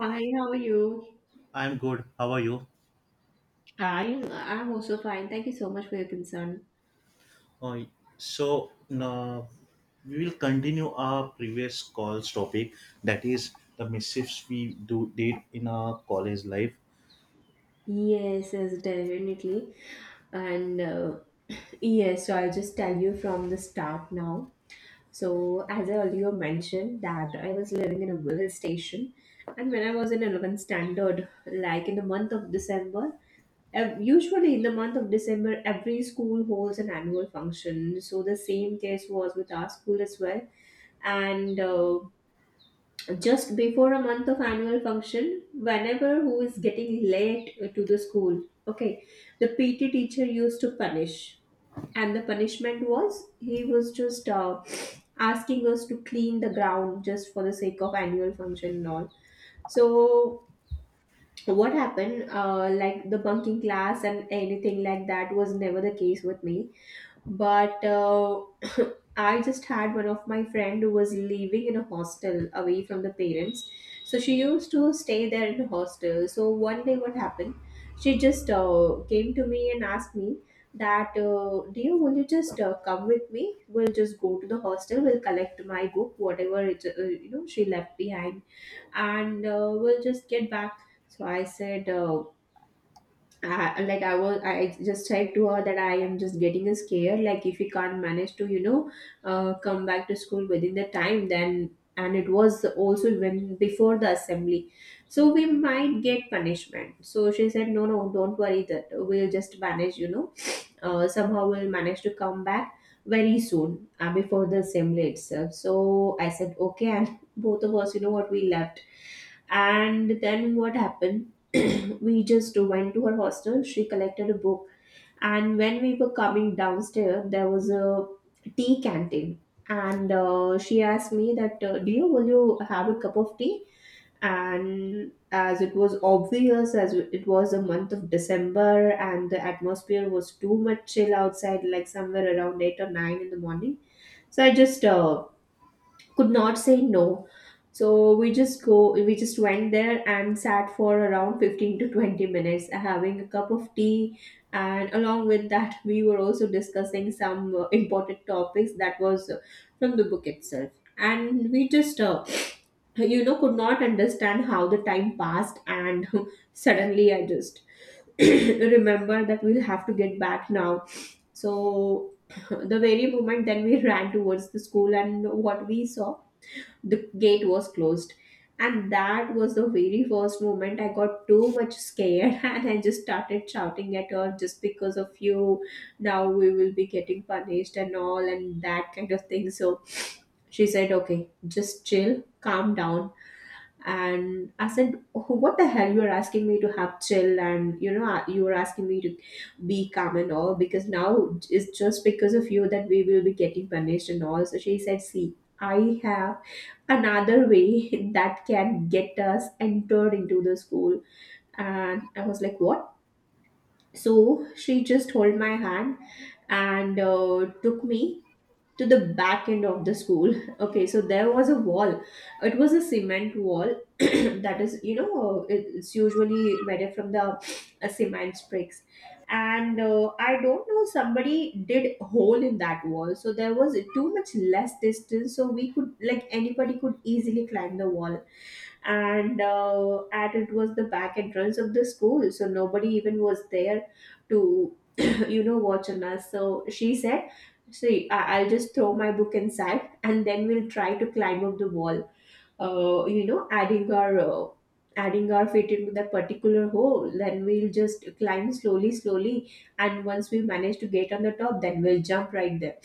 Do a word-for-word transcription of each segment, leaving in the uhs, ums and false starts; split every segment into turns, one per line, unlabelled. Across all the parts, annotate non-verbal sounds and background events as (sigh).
Hi, how are you?
I'm good. How are you?
I I'm also fine. Thank you so much for your concern.
Uh, so, now we will continue our previous call's topic, that is the mischiefs we do did in our college life.
Yes, yes, definitely. And uh, (clears throat) Yes, so I'll just tell you from the start now. So as I earlier mentioned that I was living in a village station, and when I was in eleventh standard, like, in the month of December, ev- usually in the month of December, every school holds an annual function. So the same case was with our school as well. And. Uh, just before a month of annual function, whenever who is getting late to the school, okay, the P T teacher used to punish, and the punishment was, he was just uh, asking us to clean the ground just for the sake of annual function and all. So what happened, uh, like, the bunking class and anything like that was never the case with me, but uh, (coughs) (clears throat) I just had one of my friend who was living in a hostel away from the parents. So she used to stay there in a hostel. So one day what happened, she just uh, came to me and asked me that, uh, dear, will you just uh, come with me, we'll just go to the hostel, we'll collect my book, whatever it uh, you know she left behind, and uh, we'll just get back. So I said, uh, I, like I was, I just said to her that I am just getting scared. Like, if we can't manage to, you know, uh, come back to school within the time, then, and it was also when before the assembly, so we might get punishment. So she said, no, no, don't worry, that we'll just manage, you know uh, somehow will manage to come back very soon, uh, before the assembly itself. So I said, okay, and (laughs) both of us, you know what, we left. And then what happened? (clears throat) We just went to her hostel, she collected a book, and when we were coming downstairs, there was a tea canteen. And uh, she asked me that, uh, dear, will you have a cup of tea? And as it was obvious, as it was the month of December and the atmosphere was too much chill outside, like, somewhere around eight or nine in the morning, so I just uh, could not say no. So we just go we just went there and sat for around fifteen to twenty minutes, uh, having a cup of tea. And along with that, we were also discussing some uh, important topics that was uh, from the book itself. And we just uh, (sniffs) you know could not understand how the time passed, and (laughs) suddenly I just (clears throat) remember that we'll have to get back now. So (clears throat) the very moment, then we ran towards the school, and what we saw, the gate was closed. And that was the very first moment I got too much scared (laughs) and I just started shouting at her, just because of you now we will be getting punished and all, and that kind of thing. So she said, okay, just chill, calm down. And I said, oh, what the hell, you're asking me to have chill, and you know you're asking me to be calm and all, because now it's just because of you that we will be getting punished and all. So she said, see, I have another way (laughs) that can get us entered into the school. And I was like, what? So she just held my hand and uh, took me to the back end of the school. (laughs) Okay, so there was a wall, it was a cement wall. (clears throat) That is, you know it- it's usually made from the uh, cement bricks. And uh, I don't know, somebody did a hole in that wall, so there was too much less distance, so we could like anybody could easily climb the wall. And uh, at it was the back entrance of the school, so nobody even was there to (clears throat) you know watch on us. So she said, see, I- I'll just throw my book inside, and then we'll try to climb up the wall, uh, you know adding our uh, adding our feet into that particular hole, then we'll just climb slowly slowly. And once we manage to get on the top, then we'll jump right there,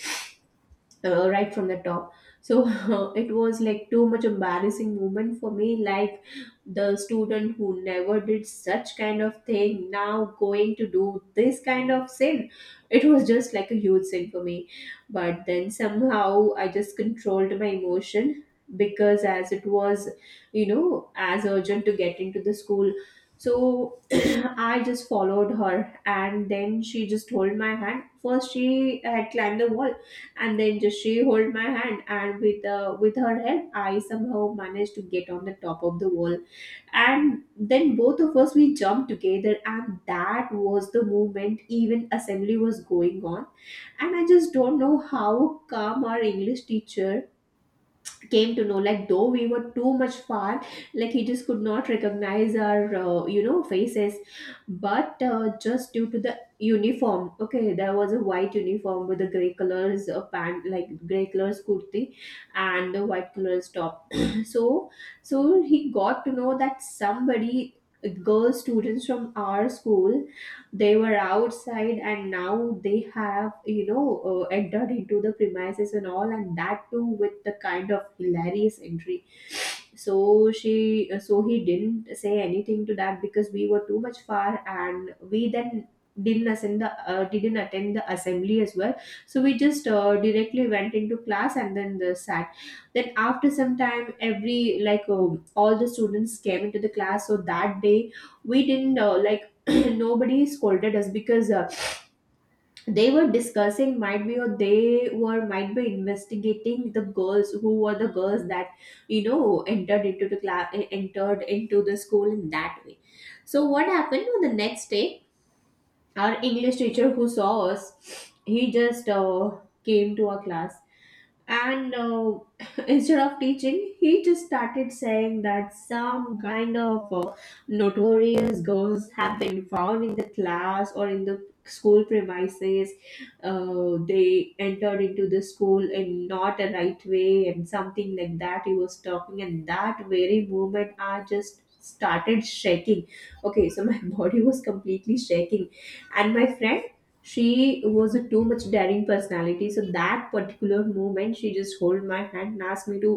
uh, right from the top. So (laughs) it was like too much embarrassing moment for me, like, the student who never did such kind of thing now going to do this kind of sin. It was just like a huge sin for me, but then somehow I just controlled my emotion, because as it was, you know as urgent to get into the school. So (clears throat) I just followed her, and then she just hold my hand, first she had climbed the wall, and then just she hold my hand, and with uh, with her help I somehow managed to get on the top of the wall. And then both of us we jumped together, and that was the moment, even assembly was going on. And I just don't know how calm our English teacher came to know, like, though we were too much far, like, he just could not recognize our uh, you know faces, but uh, just due to the uniform. Okay, there was a white uniform with the gray colors uh, pant, like, gray colors kurti and the white colors top. (clears throat) so so he got to know that somebody, uh, girl students from our school, they were outside and now they have you know uh, entered into the premises and all, and that too with the kind of hilarious entry. So she uh, so he didn't say anything to that, because we were too much far, and we then didn't attend the uh, didn't attend the assembly as well. So we just uh, directly went into class and then the sat. Then after some time, every like um all the students came into the class. So that day we didn't uh, like (clears throat) nobody scolded us, because uh, they were discussing, might be, or they were, might be, investigating the girls who were the girls that you know entered into the class, entered into the school in that way. So what happened on the next day, our English teacher who saw us, he just uh, came to our class. And uh, (laughs) instead of teaching, he just started saying that some kind of uh, notorious girls have been found in the class or in the school premises. Uh, they entered into the school in not a right way and something like that he was talking. And that very moment I just started shaking. Okay, so my (laughs) body was completely shaking. And my friend, she was a too much daring personality. So that particular moment she just hold my hand and asked me to,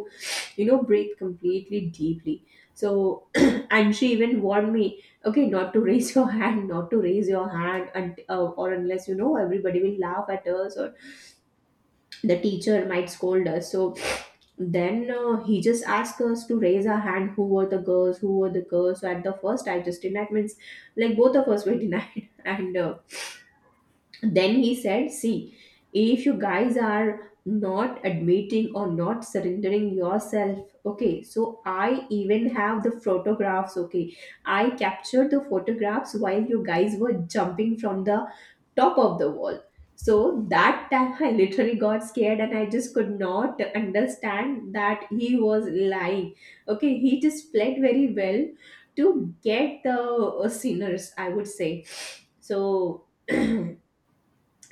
you know breathe completely deeply. So (clears throat) and she even warned me, okay, not to raise (laughs) your hand, not to raise your hand, and uh, or unless, you know everybody will laugh at us, or the teacher might scold us. So then uh, he just asked us to raise our hand, who were the girls, who were the girls. So at the first I just denied, means, like, both of us were (laughs) denied. And uh, then he said, see, if you guys are not admitting or not surrendering yourself, okay, so I even have the photographs, okay, I captured the photographs while you guys were jumping from the top of the wall. So that time (laughs) I literally got scared, and I just could not understand that he was lying. Okay, he just played very well to get the uh, sinners, I would say. So (clears throat)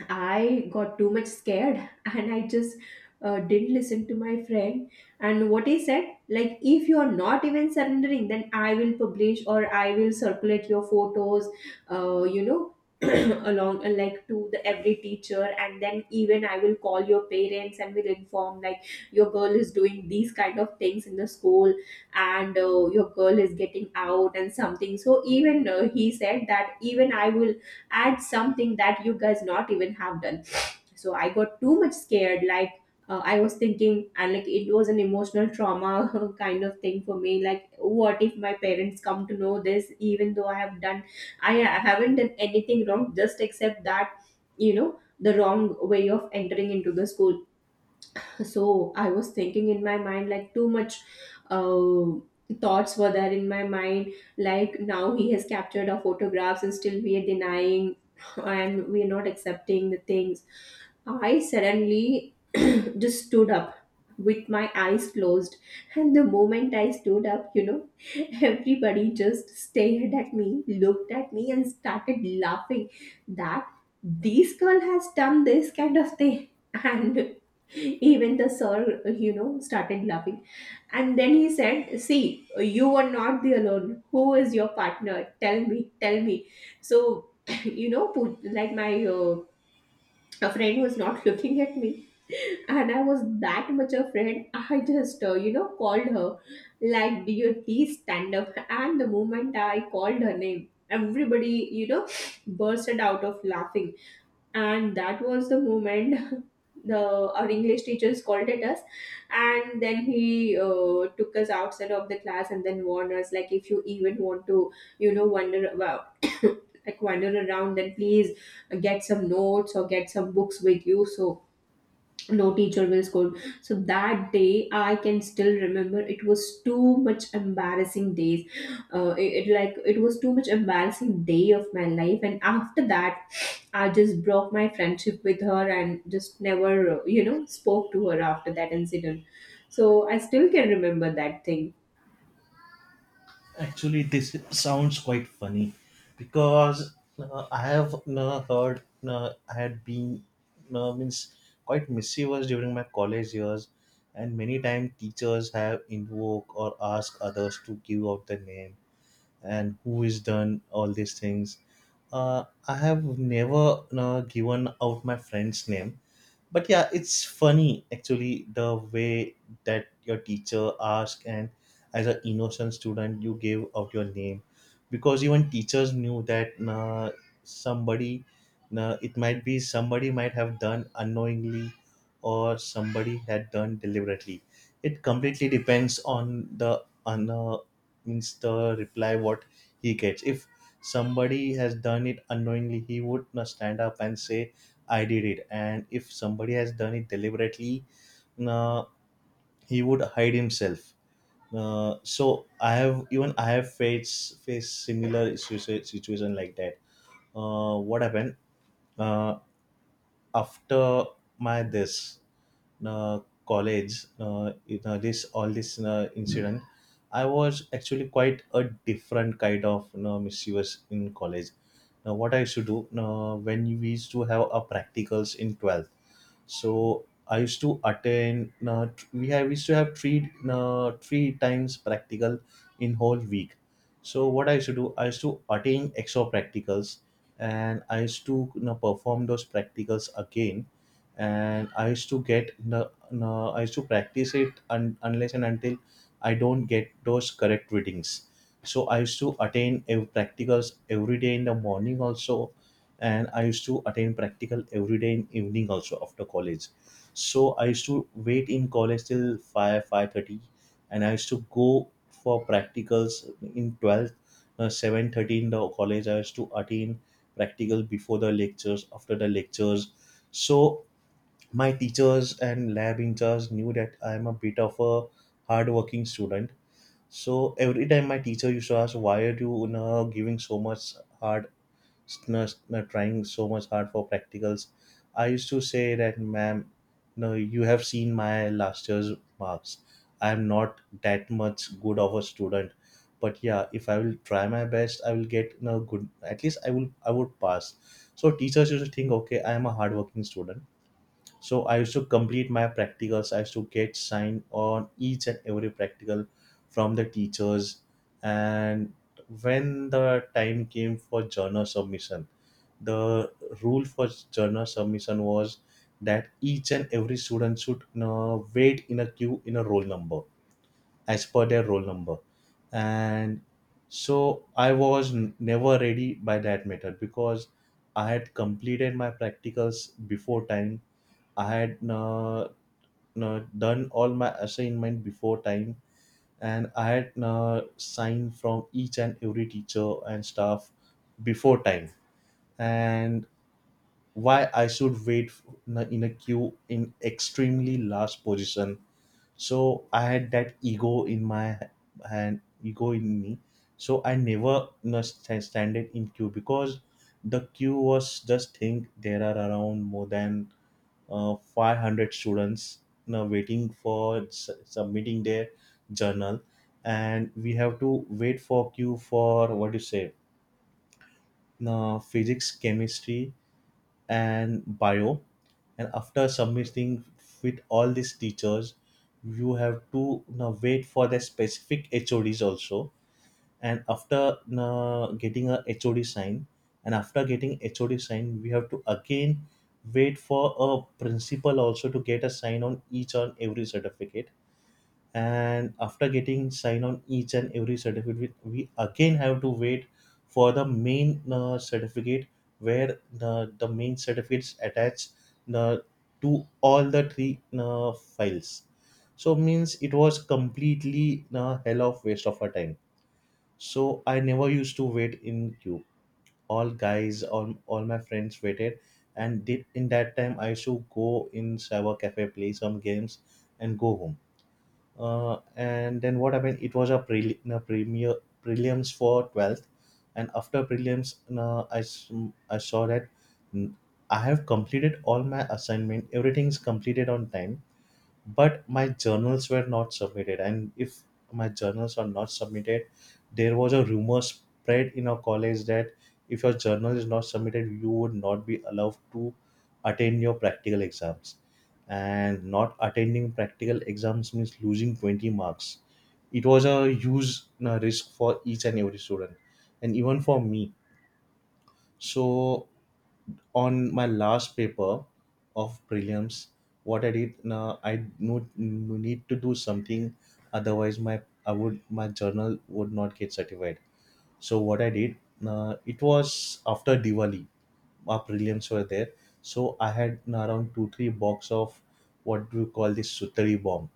I got too much scared (laughs) and I just uh, didn't listen to my friend. And what he said, like, if you are not even surrendering, then I will publish or I will circulate your photos, uh, you know, (clears throat) along uh, like, to the every teacher, and then even I will call your parents and will inform, like, your girl is doing these kind of things in the school, and uh, your girl is getting out and something. So even uh, he said that even I will add something that you guys not even have done. So I got too much scared. Like, uh, I was thinking and, like, it was an emotional trauma (laughs) kind of thing for me. Like, what if my parents come to know this, even though I have done, i I haven't done anything wrong, just except that, you know, the wrong way of entering into the school. So I was thinking in my mind, like, too much uh, thoughts were there in my mind, like, now he has captured our photographs and still we are denying (laughs) and we are not accepting the things. I suddenly (clears throat) just stood up with my eyes closed. And the moment I stood up, you know, (laughs) everybody just stared at me, looked at me, and started laughing that this girl has done this kind of thing. (laughs) And even the sir, you know, started laughing. And then he said, "See, you are not the alone. Who is your partner? Tell me, tell me." So, (clears throat) you know, put, like my uh, a friend was not looking at me. (laughs) And I was that much afraid, I just uh, you know, called her, like, "Do you please stand up?" And the moment I called her name, everybody, you know, bursted out of laughing. And that was the moment (laughs) the our English teacher scolded us. And then he uh, took us outside of the class, and then warned us, like, if you even want to, you know, wander about, (coughs) like, wander around, then please get some notes or get some books with you, so no teacher will scold. So that day, I can still remember, it was too much embarrassing days. Uh, it, it like, it was too much embarrassing day of my life. And after that, I just broke my friendship with her and just never, you know, spoke to her after that incident. So I still can remember that thing.
Actually, this sounds quite funny because uh, I have uh, heard, uh, I had been, uh, means, quite mischievous during my college years, and many times teachers have invoked or asked others to give out the name and who is done all these things. uh, I have never uh, given out my friend's name, but yeah, it's funny actually, the way that your teacher asked and as an innocent student you gave out your name, because even teachers knew that, uh, somebody, uh, it might be somebody might have done unknowingly or somebody had done deliberately. It completely depends on the on uh, means the reply what he gets. If somebody has done it unknowingly, he would uh, stand up and say I did it. And if somebody has done it deliberately, uh, he would hide himself. Uh, so I have, even I have faced faced similar issues, situation like that. Uh, what happened uh, after my this uh, college? Uh, you know, this all this uh, incident. I was actually quite a different kind of, you know, mischievous in college. Now what I used to do, uh, when we used to have our practicals in twelve, so I used to attend. Uh, t- we have we used to have three uh, three times practical in whole week. So what I used to do, I used to attend extra practicals, and I used to, you know, perform those practicals again. And I used to get the, uh, I used to practice it un- unless and until I don't get those correct readings. So I used to attend ev- practicals every day in the morning also, and I used to attend practical every day in evening also after college. So I used to wait in college till 5 five thirty, and I used to go for practicals in twelve, uh, seven thirty in the college. I used to attend practical before the lectures, after the lectures. So my teachers and lab in charge knew that I am a bit of a hardworking student. So every time my teacher used to ask, why are you, you know, giving so much hard, s- n- s- n- trying so much hard for practicals. I used to say that, ma'am, no, you have seen my last year's marks. I'm not that much good of a student, but yeah, if I will try my best, I will get no good. At least I will, I would pass. So teachers used to think, okay, I am a hardworking student. So I used to complete my practicals, I used to get signed on each and every practical from the teachers. And when the time came for journal submission, the rule for journal submission was that each and every student should uh, wait in a queue in a roll number as per their roll number. And so I was n- never ready by that method, because I had completed my practicals before time, I had uh, uh, done all my assignment before time, and I had uh, signed from each and every teacher and staff before time. And why I should wait f- in a queue in extremely last position? So I had that ego in my hand, ego in me. So I never, you know, sta- standed in queue, because the queue was, just think there are around more than uh, five hundred students now waiting for s- submitting their journal. And we have to wait for queue for what you say, uh, physics, chemistry and bio. And after submitting with all these teachers, you have to now wait for the specific hods also. And after uh, getting a H O D sign, and after getting H O D sign, we have to again wait for a principal also to get a sign on each and every certificate. And after getting sign on each and every certificate, we, we again have to wait for the main uh, certificate where the, the main certificates attached uh, to all the three uh, files. So means it was completely a hell of waste of our time. So I never used to wait in queue. All guys, all, all my friends waited, and did, in that time I used to go in cyber cafe, play some games, and go home. Uh, and then what happened? It was a, preli- a premier prelims for twelfth, and after prelims, uh, I s- I saw that, mm, I have completed all my assignment. Everything is completed on time, but my journals were not submitted. And if my journals are not submitted, there was a rumor spread in our college that if your journal is not submitted, you would not be allowed to attend your practical exams. And not attending practical exams means losing twenty marks. It was a huge uh, risk for each and every student, and even for me. So on my last paper of prelims, what I did, uh, I no, no need to do something, otherwise my I would my journal would not get certified. So what I did, uh, it was after Diwali, our prelims were there, so I had around two three box of what do you call this, sutari bomb,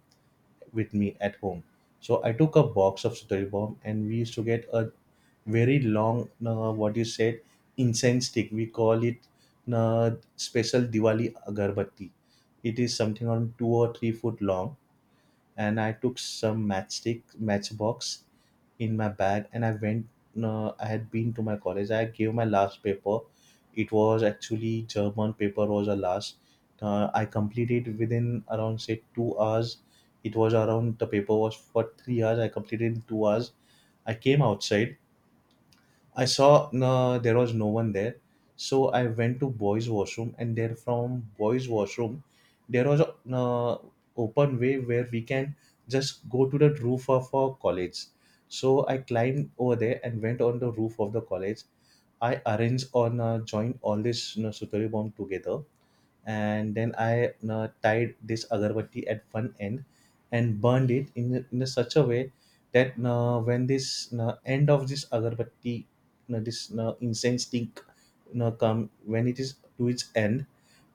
with me at home. So I took a box of sudari bomb, and we used to get a very long, uh, what you said, incense stick. We call it uh, special Diwali agarbatti. It is something around two or three foot long. And I took some matchstick matchbox in my bag and I went, uh, I had been to my college. I gave my last paper. It was actually German paper was the last. Uh, I completed within around say two hours. It was around, the paper was for three hours. I completed in two hours. I came outside, I saw no, there was no one there, so I went to boys' washroom, and there from boys' washroom, there was a, no, open way where we can just go to the roof of our college. So I climbed over there and went on the roof of the college. I arranged on, uh, joined all this, you know, sutari bomb together, and then I uh, tied this agarbatti at one end and burned it in, in a such a way that uh, when this uh, end of this agarbatti, uh, this uh, incense stick uh, come when it is to its end,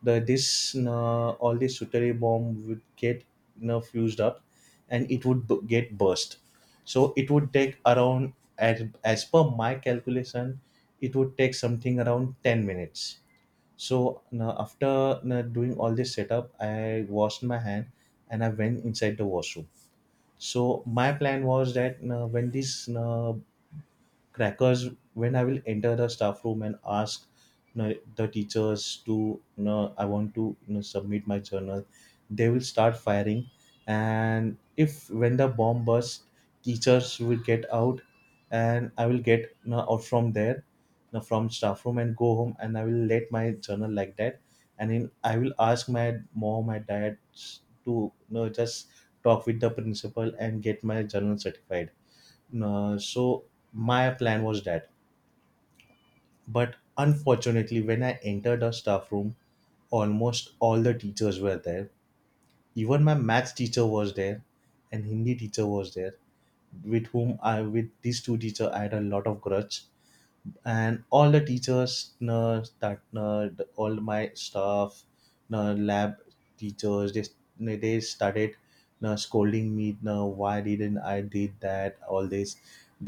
the this uh, all this sutari bomb would get, you know, fused up, and it would b- get burst. So it would take around, as, as per my calculation, it would take something around ten minutes. So now after now doing all this setup, I washed my hand and I went inside the washroom. So my plan was that now when this now crackers, when I will enter the staff room and ask, you know, the teachers to, you know, I want to, you know, submit my journal. They will start firing, and if when the bomb bursts, teachers will get out, and I will get, you know, out from there, you know, from staff room and go home, and I will let my journal like that, and in, I will ask my mom, my dad to, you know, just talk with the principal and get my journal certified. Uh, so my plan was that. But unfortunately, when I entered the staff room, almost all the teachers were there. Even my maths teacher was there, and Hindi teacher was there, with whom I with these two teachers I had a lot of grudge, and all the teachers uh, that uh, the- all my staff uh, lab teachers, they, they started uh, scolding me, uh, why didn't I did that, all this.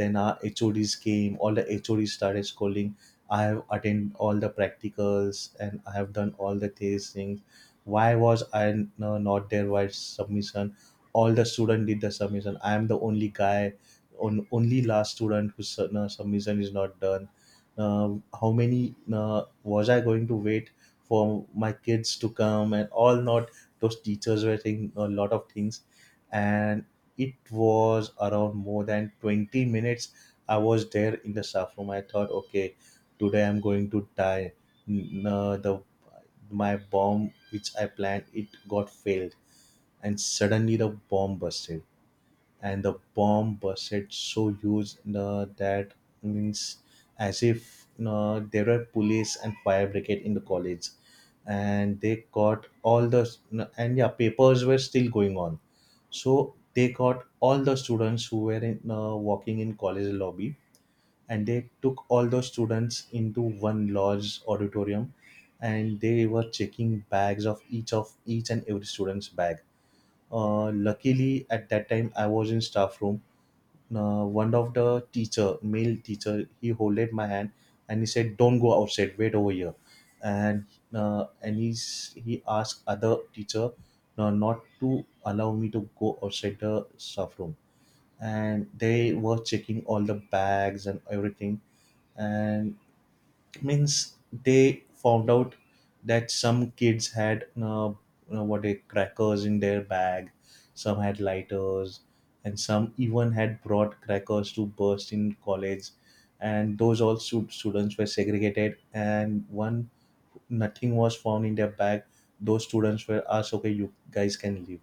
Then our HODs came, all the HODs started scolding. I have attended all the practicals and I have done all the these things. Why was I uh, not there, why submission, all the student did the submission, I am the only guy, on only last student whose uh, submission is not done. Um, how many uh, was I going to wait for my kids to come and all, not those teachers were saying a lot of things. And it was around more than twenty minutes I was there in the staff room. I thought, okay, today I'm going to die. N- uh, the My bomb which I planned, it got failed, and suddenly the bomb busted. And the bomb busted so huge, uh, that means, as if uh, there were police and fire brigade in the college, and they got all the, and yeah, papers were still going on. So they got all the students who were in, uh, walking in college lobby, and they took all the students into one large auditorium, and they were checking bags of each of each and every student's bag. Uh, luckily at that time I was in staff room. Uh, one of the teacher, male teacher, he holded my hand and he said, "Don't go outside. Wait over here." And uh, and he's he asked other teacher uh, not to allow me to go outside the staff room. And they were checking all the bags and everything. And means they found out that some kids had, uh, you know, what, a crackers in their bag, some had lighters, and some even had brought crackers to burst in college. And those all stu- students were segregated, and one, nothing was found in their bag, those students were asked, okay, you guys can leave.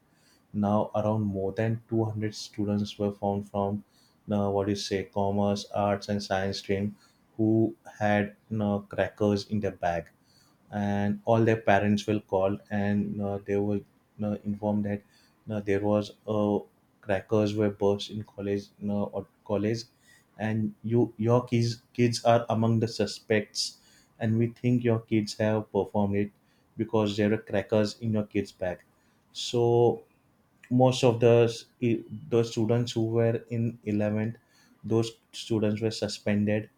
Now around more than two hundred students were found from, uh, what do you say, commerce, arts, and science stream, who had uh, crackers in their bag, and all their parents were called, and uh, they were uh, informed that uh, there was uh, crackers were burst in college uh, or college, and you, your kids kids are among the suspects, and we think your kids have performed it because there are crackers in your kids' bag. So most of the those students who were in eleventh, those students were suspended,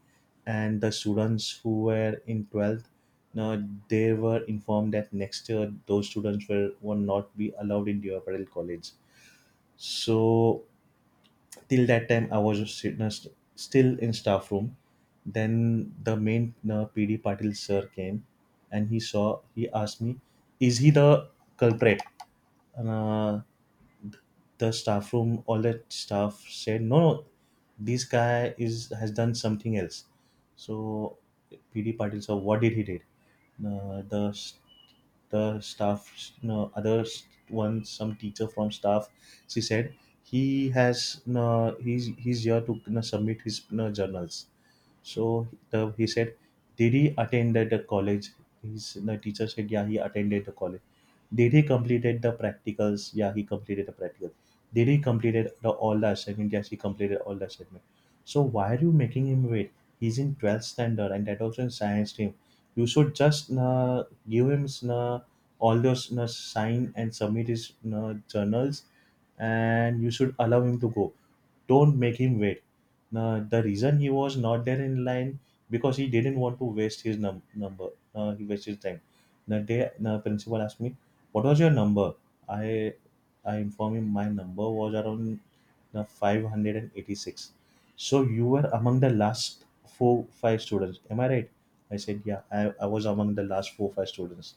and the students who were in twelfth, now they were informed that next year those students were will not be allowed in Deoparel college. So till that time I was sit- uh, st- still in staff room. Then the main uh, PD Patil sir came, and he saw he asked me, is he the culprit? And, uh, the staff room, all that staff said, no, no, this guy is has done something else. So PD Patil sir, what did he did uh, the s- the staff no other s- one some teacher from staff, she said he has no, he's he's here to, no, submit his, no, journals. So the, he said, did he attended the college? His the teacher said, yeah, he attended the college. Did he completed the practicals? Yeah, he completed the practical. Did he completed the all the assignment? Yes, he completed all the assignment. So why are you making him wait? He's in twelfth standard, and that also in science team. You should just uh, give him uh, all those uh, sign and submit his uh, journals, and you should allow him to go, don't make him wait. Now, the reason he was not there in line because he didn't want to waste his num- number. Uh, he wasted his time. The day the principal asked me, "What was your number?" I I informed him my number was around the five hundred eighty-six. So you were among the last four five students. Am I right? I said, yeah, I, I was among the last four five students.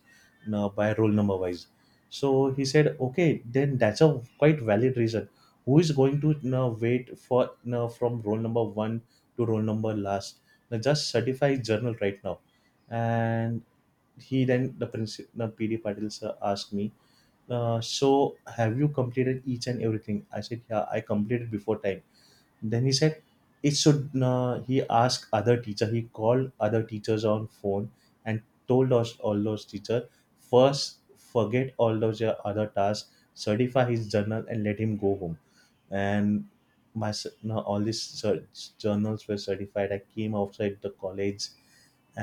Now by roll number wise. So he said, okay, then that's a quite valid reason. Who is going to, you know, wait for, you know, from roll number one to roll number last? Now, just certify journal right now. And he then the principal, the PD Patil sir, asked me, uh, so have you completed each and everything? I said, yeah, I completed before time. Then he said it should, uh, he asked other teacher he called other teachers on phone, and told us, all those teacher, first forget all those your other tasks, certify his journal and let him go home. And my s- no, all these cer- journals were certified. I came outside the college,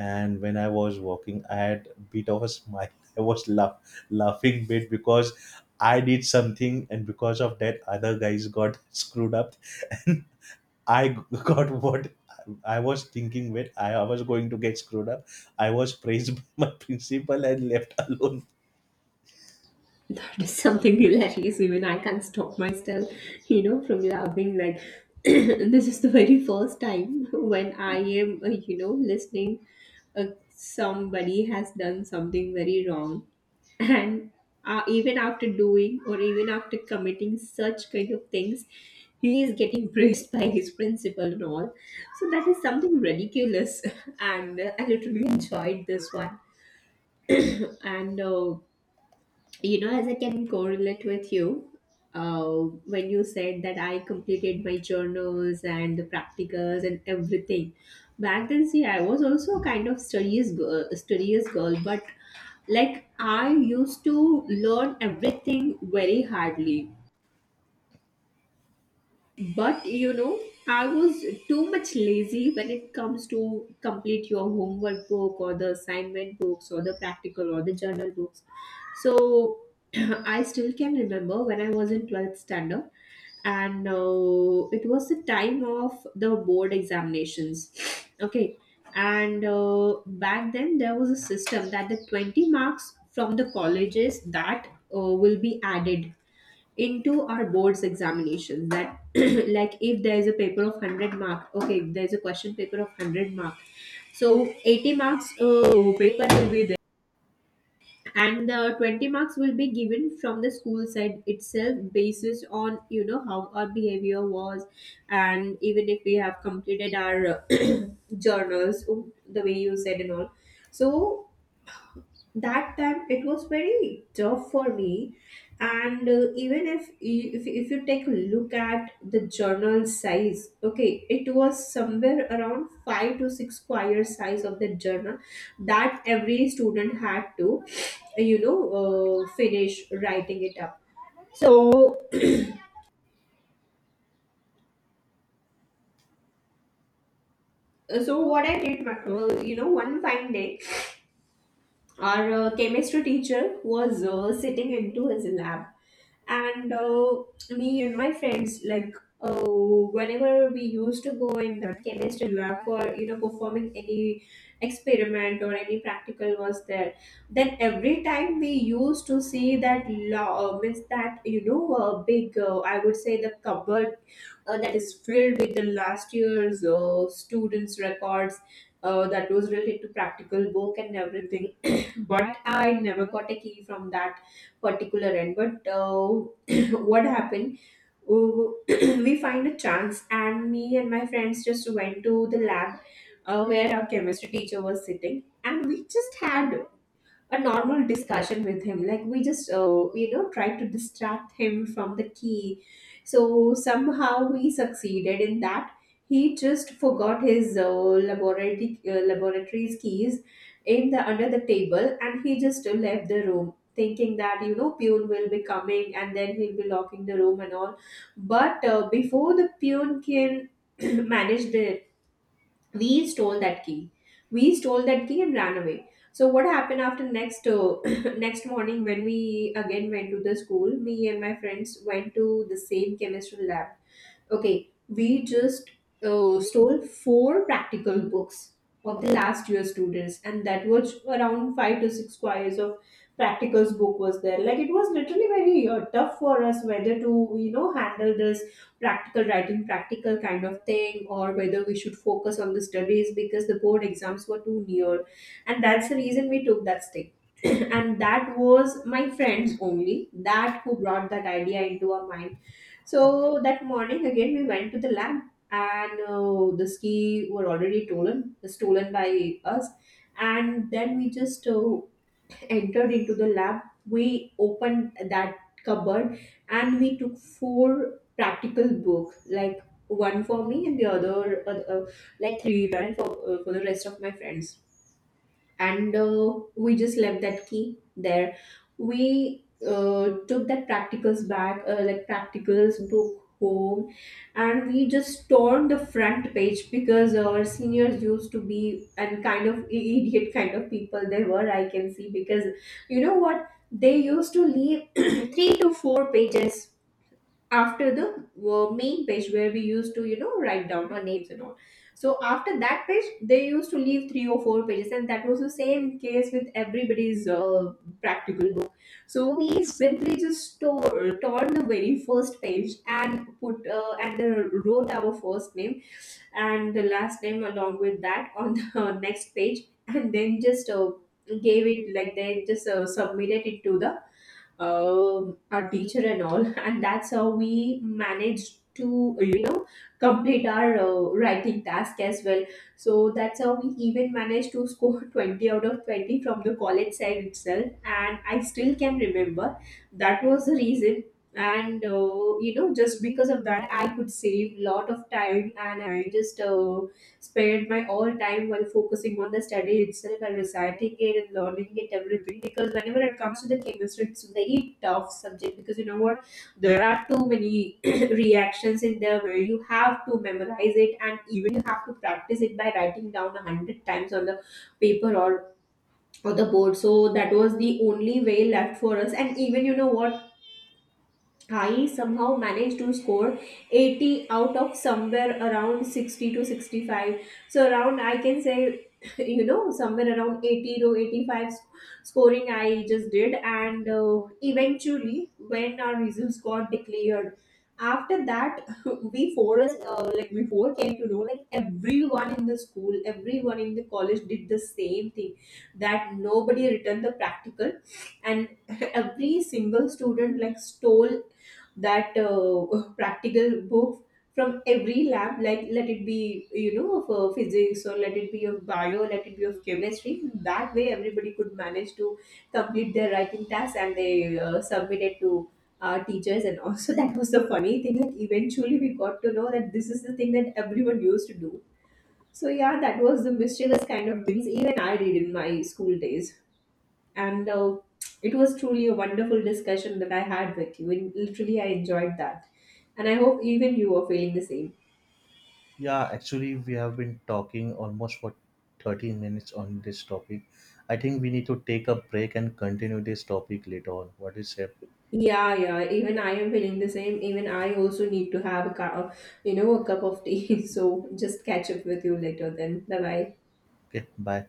and when I was walking I had a bit of a smile. (laughs) I was laugh, laughing bit because I did something and because of that other guys got (laughs) screwed up. And (laughs) I got what I was thinking when I was going to get screwed up. I was praised (laughs) by my principal and left alone.
That is something hilarious. Even I can't stop myself, you know, from laughing. Like, (clears throat) this is the very first time when I am, uh, you know, listening. Uh, somebody has done something very wrong, and uh, even after doing or even after committing such kind of things, he is getting praised by his principal and all. So that is something ridiculous, (laughs) and uh, I literally enjoyed this one. And uh, you know, as I can correlate with you, uh, when you said that I completed my journals and the practicals and everything back then, see, I was also a kind of studious girl, studious girl, but like, I used to learn everything very hardly. But, you know, I was too much lazy when it comes to complete your homework book or the assignment books or the practical or the journal books. So (clears throat) I still can remember when I was in twelfth standard, and uh, it was the time of the board examinations. (sniffs) Okay. And uh, back then there was a system that the twenty marks from the colleges that uh, will be added into our boards examinations. That (clears throat) like, if there is a paper of one hundred mark, okay, if there is a question paper of one hundred mark, so eighty marks uh, paper will be there, and the twenty marks will be given from the school side itself, basis on, you know, how our behavior was and even if we have completed our uh, (clears throat) journals oh, the way you said and all. So that time it was very tough for me. And uh, even if, if if you take a look at the journal size, okay, it was somewhere around five to six square size of the journal that every student had to, you know, uh, finish writing it up. So so what I did, uh, you know, one fine day, our uh, chemistry teacher was uh, sitting into his lab. And uh, me and my friends, like, uh, whenever we used to go in the chemistry lab for, you know, performing any experiment or any practical was there, then every time we used to see that law, means that, you know, uh, big uh, I would say the cupboard uh, that is filled with the last year's uh, students records uh, that was related to practical book and everything. (coughs) (clears throat) But I never got a key from that particular end. But uh, (clears throat) what happened, w- (clears throat) we find a chance, and me and my friends just went to the lab uh, where our chemistry teacher was sitting, and we just had a normal discussion with him. Like, we just uh, you know, tried to distract him from the key. So somehow we succeeded in that. He just forgot his uh, laboratory uh, laboratory's keys in the under the table, and he just uh, left the room thinking that, you know, Pune will be coming and then he'll be locking the room and all. But uh, before the Pune can (clears throat) manage the, we stole that key. We stole that key and ran away. So what happened after next, uh, (coughs) (clears throat) next morning, when we again went to the school, me and my friends went to the same chemistry lab. Okay, we just uh, stole four practical books of the last year students, and that was around five to six squares of practicals book was there. Like, it was literally very uh, tough for us whether to, you know, handle this practical writing, practical kind of thing, or whether we should focus on the studies because the board exams were too near, and that's the reason we took that step. (clears throat) And that was my friends only that who brought that idea into our mind. So that morning again we went to the lab, and uh, the ski were already stolen, stolen by us. And then we just uh, entered into the lab. We opened that cupboard, and we took four practical books, like one for me and the other, uh, uh, like three for, uh, for the rest of my friends. And uh, we just left that key there. We uh, took that practicals bag, uh, like practicals book home, and we just torn the front page, because our seniors used to be and kind of, i- idiot kind of people they were, I can see. Because, you know what, they used to leave (clears throat) three to four pages after the uh, main page where we used to, you know, write down our names and all. So after that page they used to leave three or four pages, and that was the same case with everybody's uh, practical book. So we simply just tore, torn the very first page and put uh, and uh, wrote our first name and the last name along with that on the (laughs) next page. And then just uh, gave it, like, they just uh, submitted it to the um, our teacher and all. (laughs) And that's how we managed to uh, you know, complete our uh, writing task as well. So that's how we even managed to score (laughs) twenty out of twenty from the college side itself. And I still can remember that was the reason. And uh, you know, just because of that, I could save lot of time, and I just uh, spend my all time while focusing on the study itself and reciting it and learning it everything. Because whenever it comes to the chemistry, it's a very tough subject, because, you know what, there are too many (clears throat) reactions in there where you have to memorize it, and even you have to practice it by writing down a hundred times on the paper or on the board. So that was the only way left for us. And even, you know what, I somehow managed to score eighty out of somewhere around sixty to sixty-five. So, around, I can say, (laughs) you know, somewhere around eighty to eighty-five s- scoring I just did. And uh, eventually, when our results got declared, after that, (laughs) we four, us, uh, like, we four came to know, like, everyone in the school, everyone in the college did the same thing, that nobody returned the practical, and (laughs) every single student, like, stole that uh, (laughs) practical book from every lab, like, let it be, you know, of uh, physics, or let it be of bio, let it be of chemistry. That way everybody could manage to complete their writing task, and they uh, submit it to our teachers and also. (laughs) That was the funny thing, like, eventually we got to know that this is the thing that everyone used to do. So yeah, that was the mischievous kind of things even I did in my school days. And uh, it was truly a wonderful discussion that I had with you. And literally, I enjoyed that. And I hope even you are feeling the same.
Yeah, actually, we have been talking almost for thirteen minutes on this topic. I think we need to take a break and continue this topic later on. What do you say?
Yeah, yeah. Even I am feeling the same. Even I also need to have a cup, you know, a cup of tea. (laughs) So just catch up with you later then. Bye bye.
Okay, bye.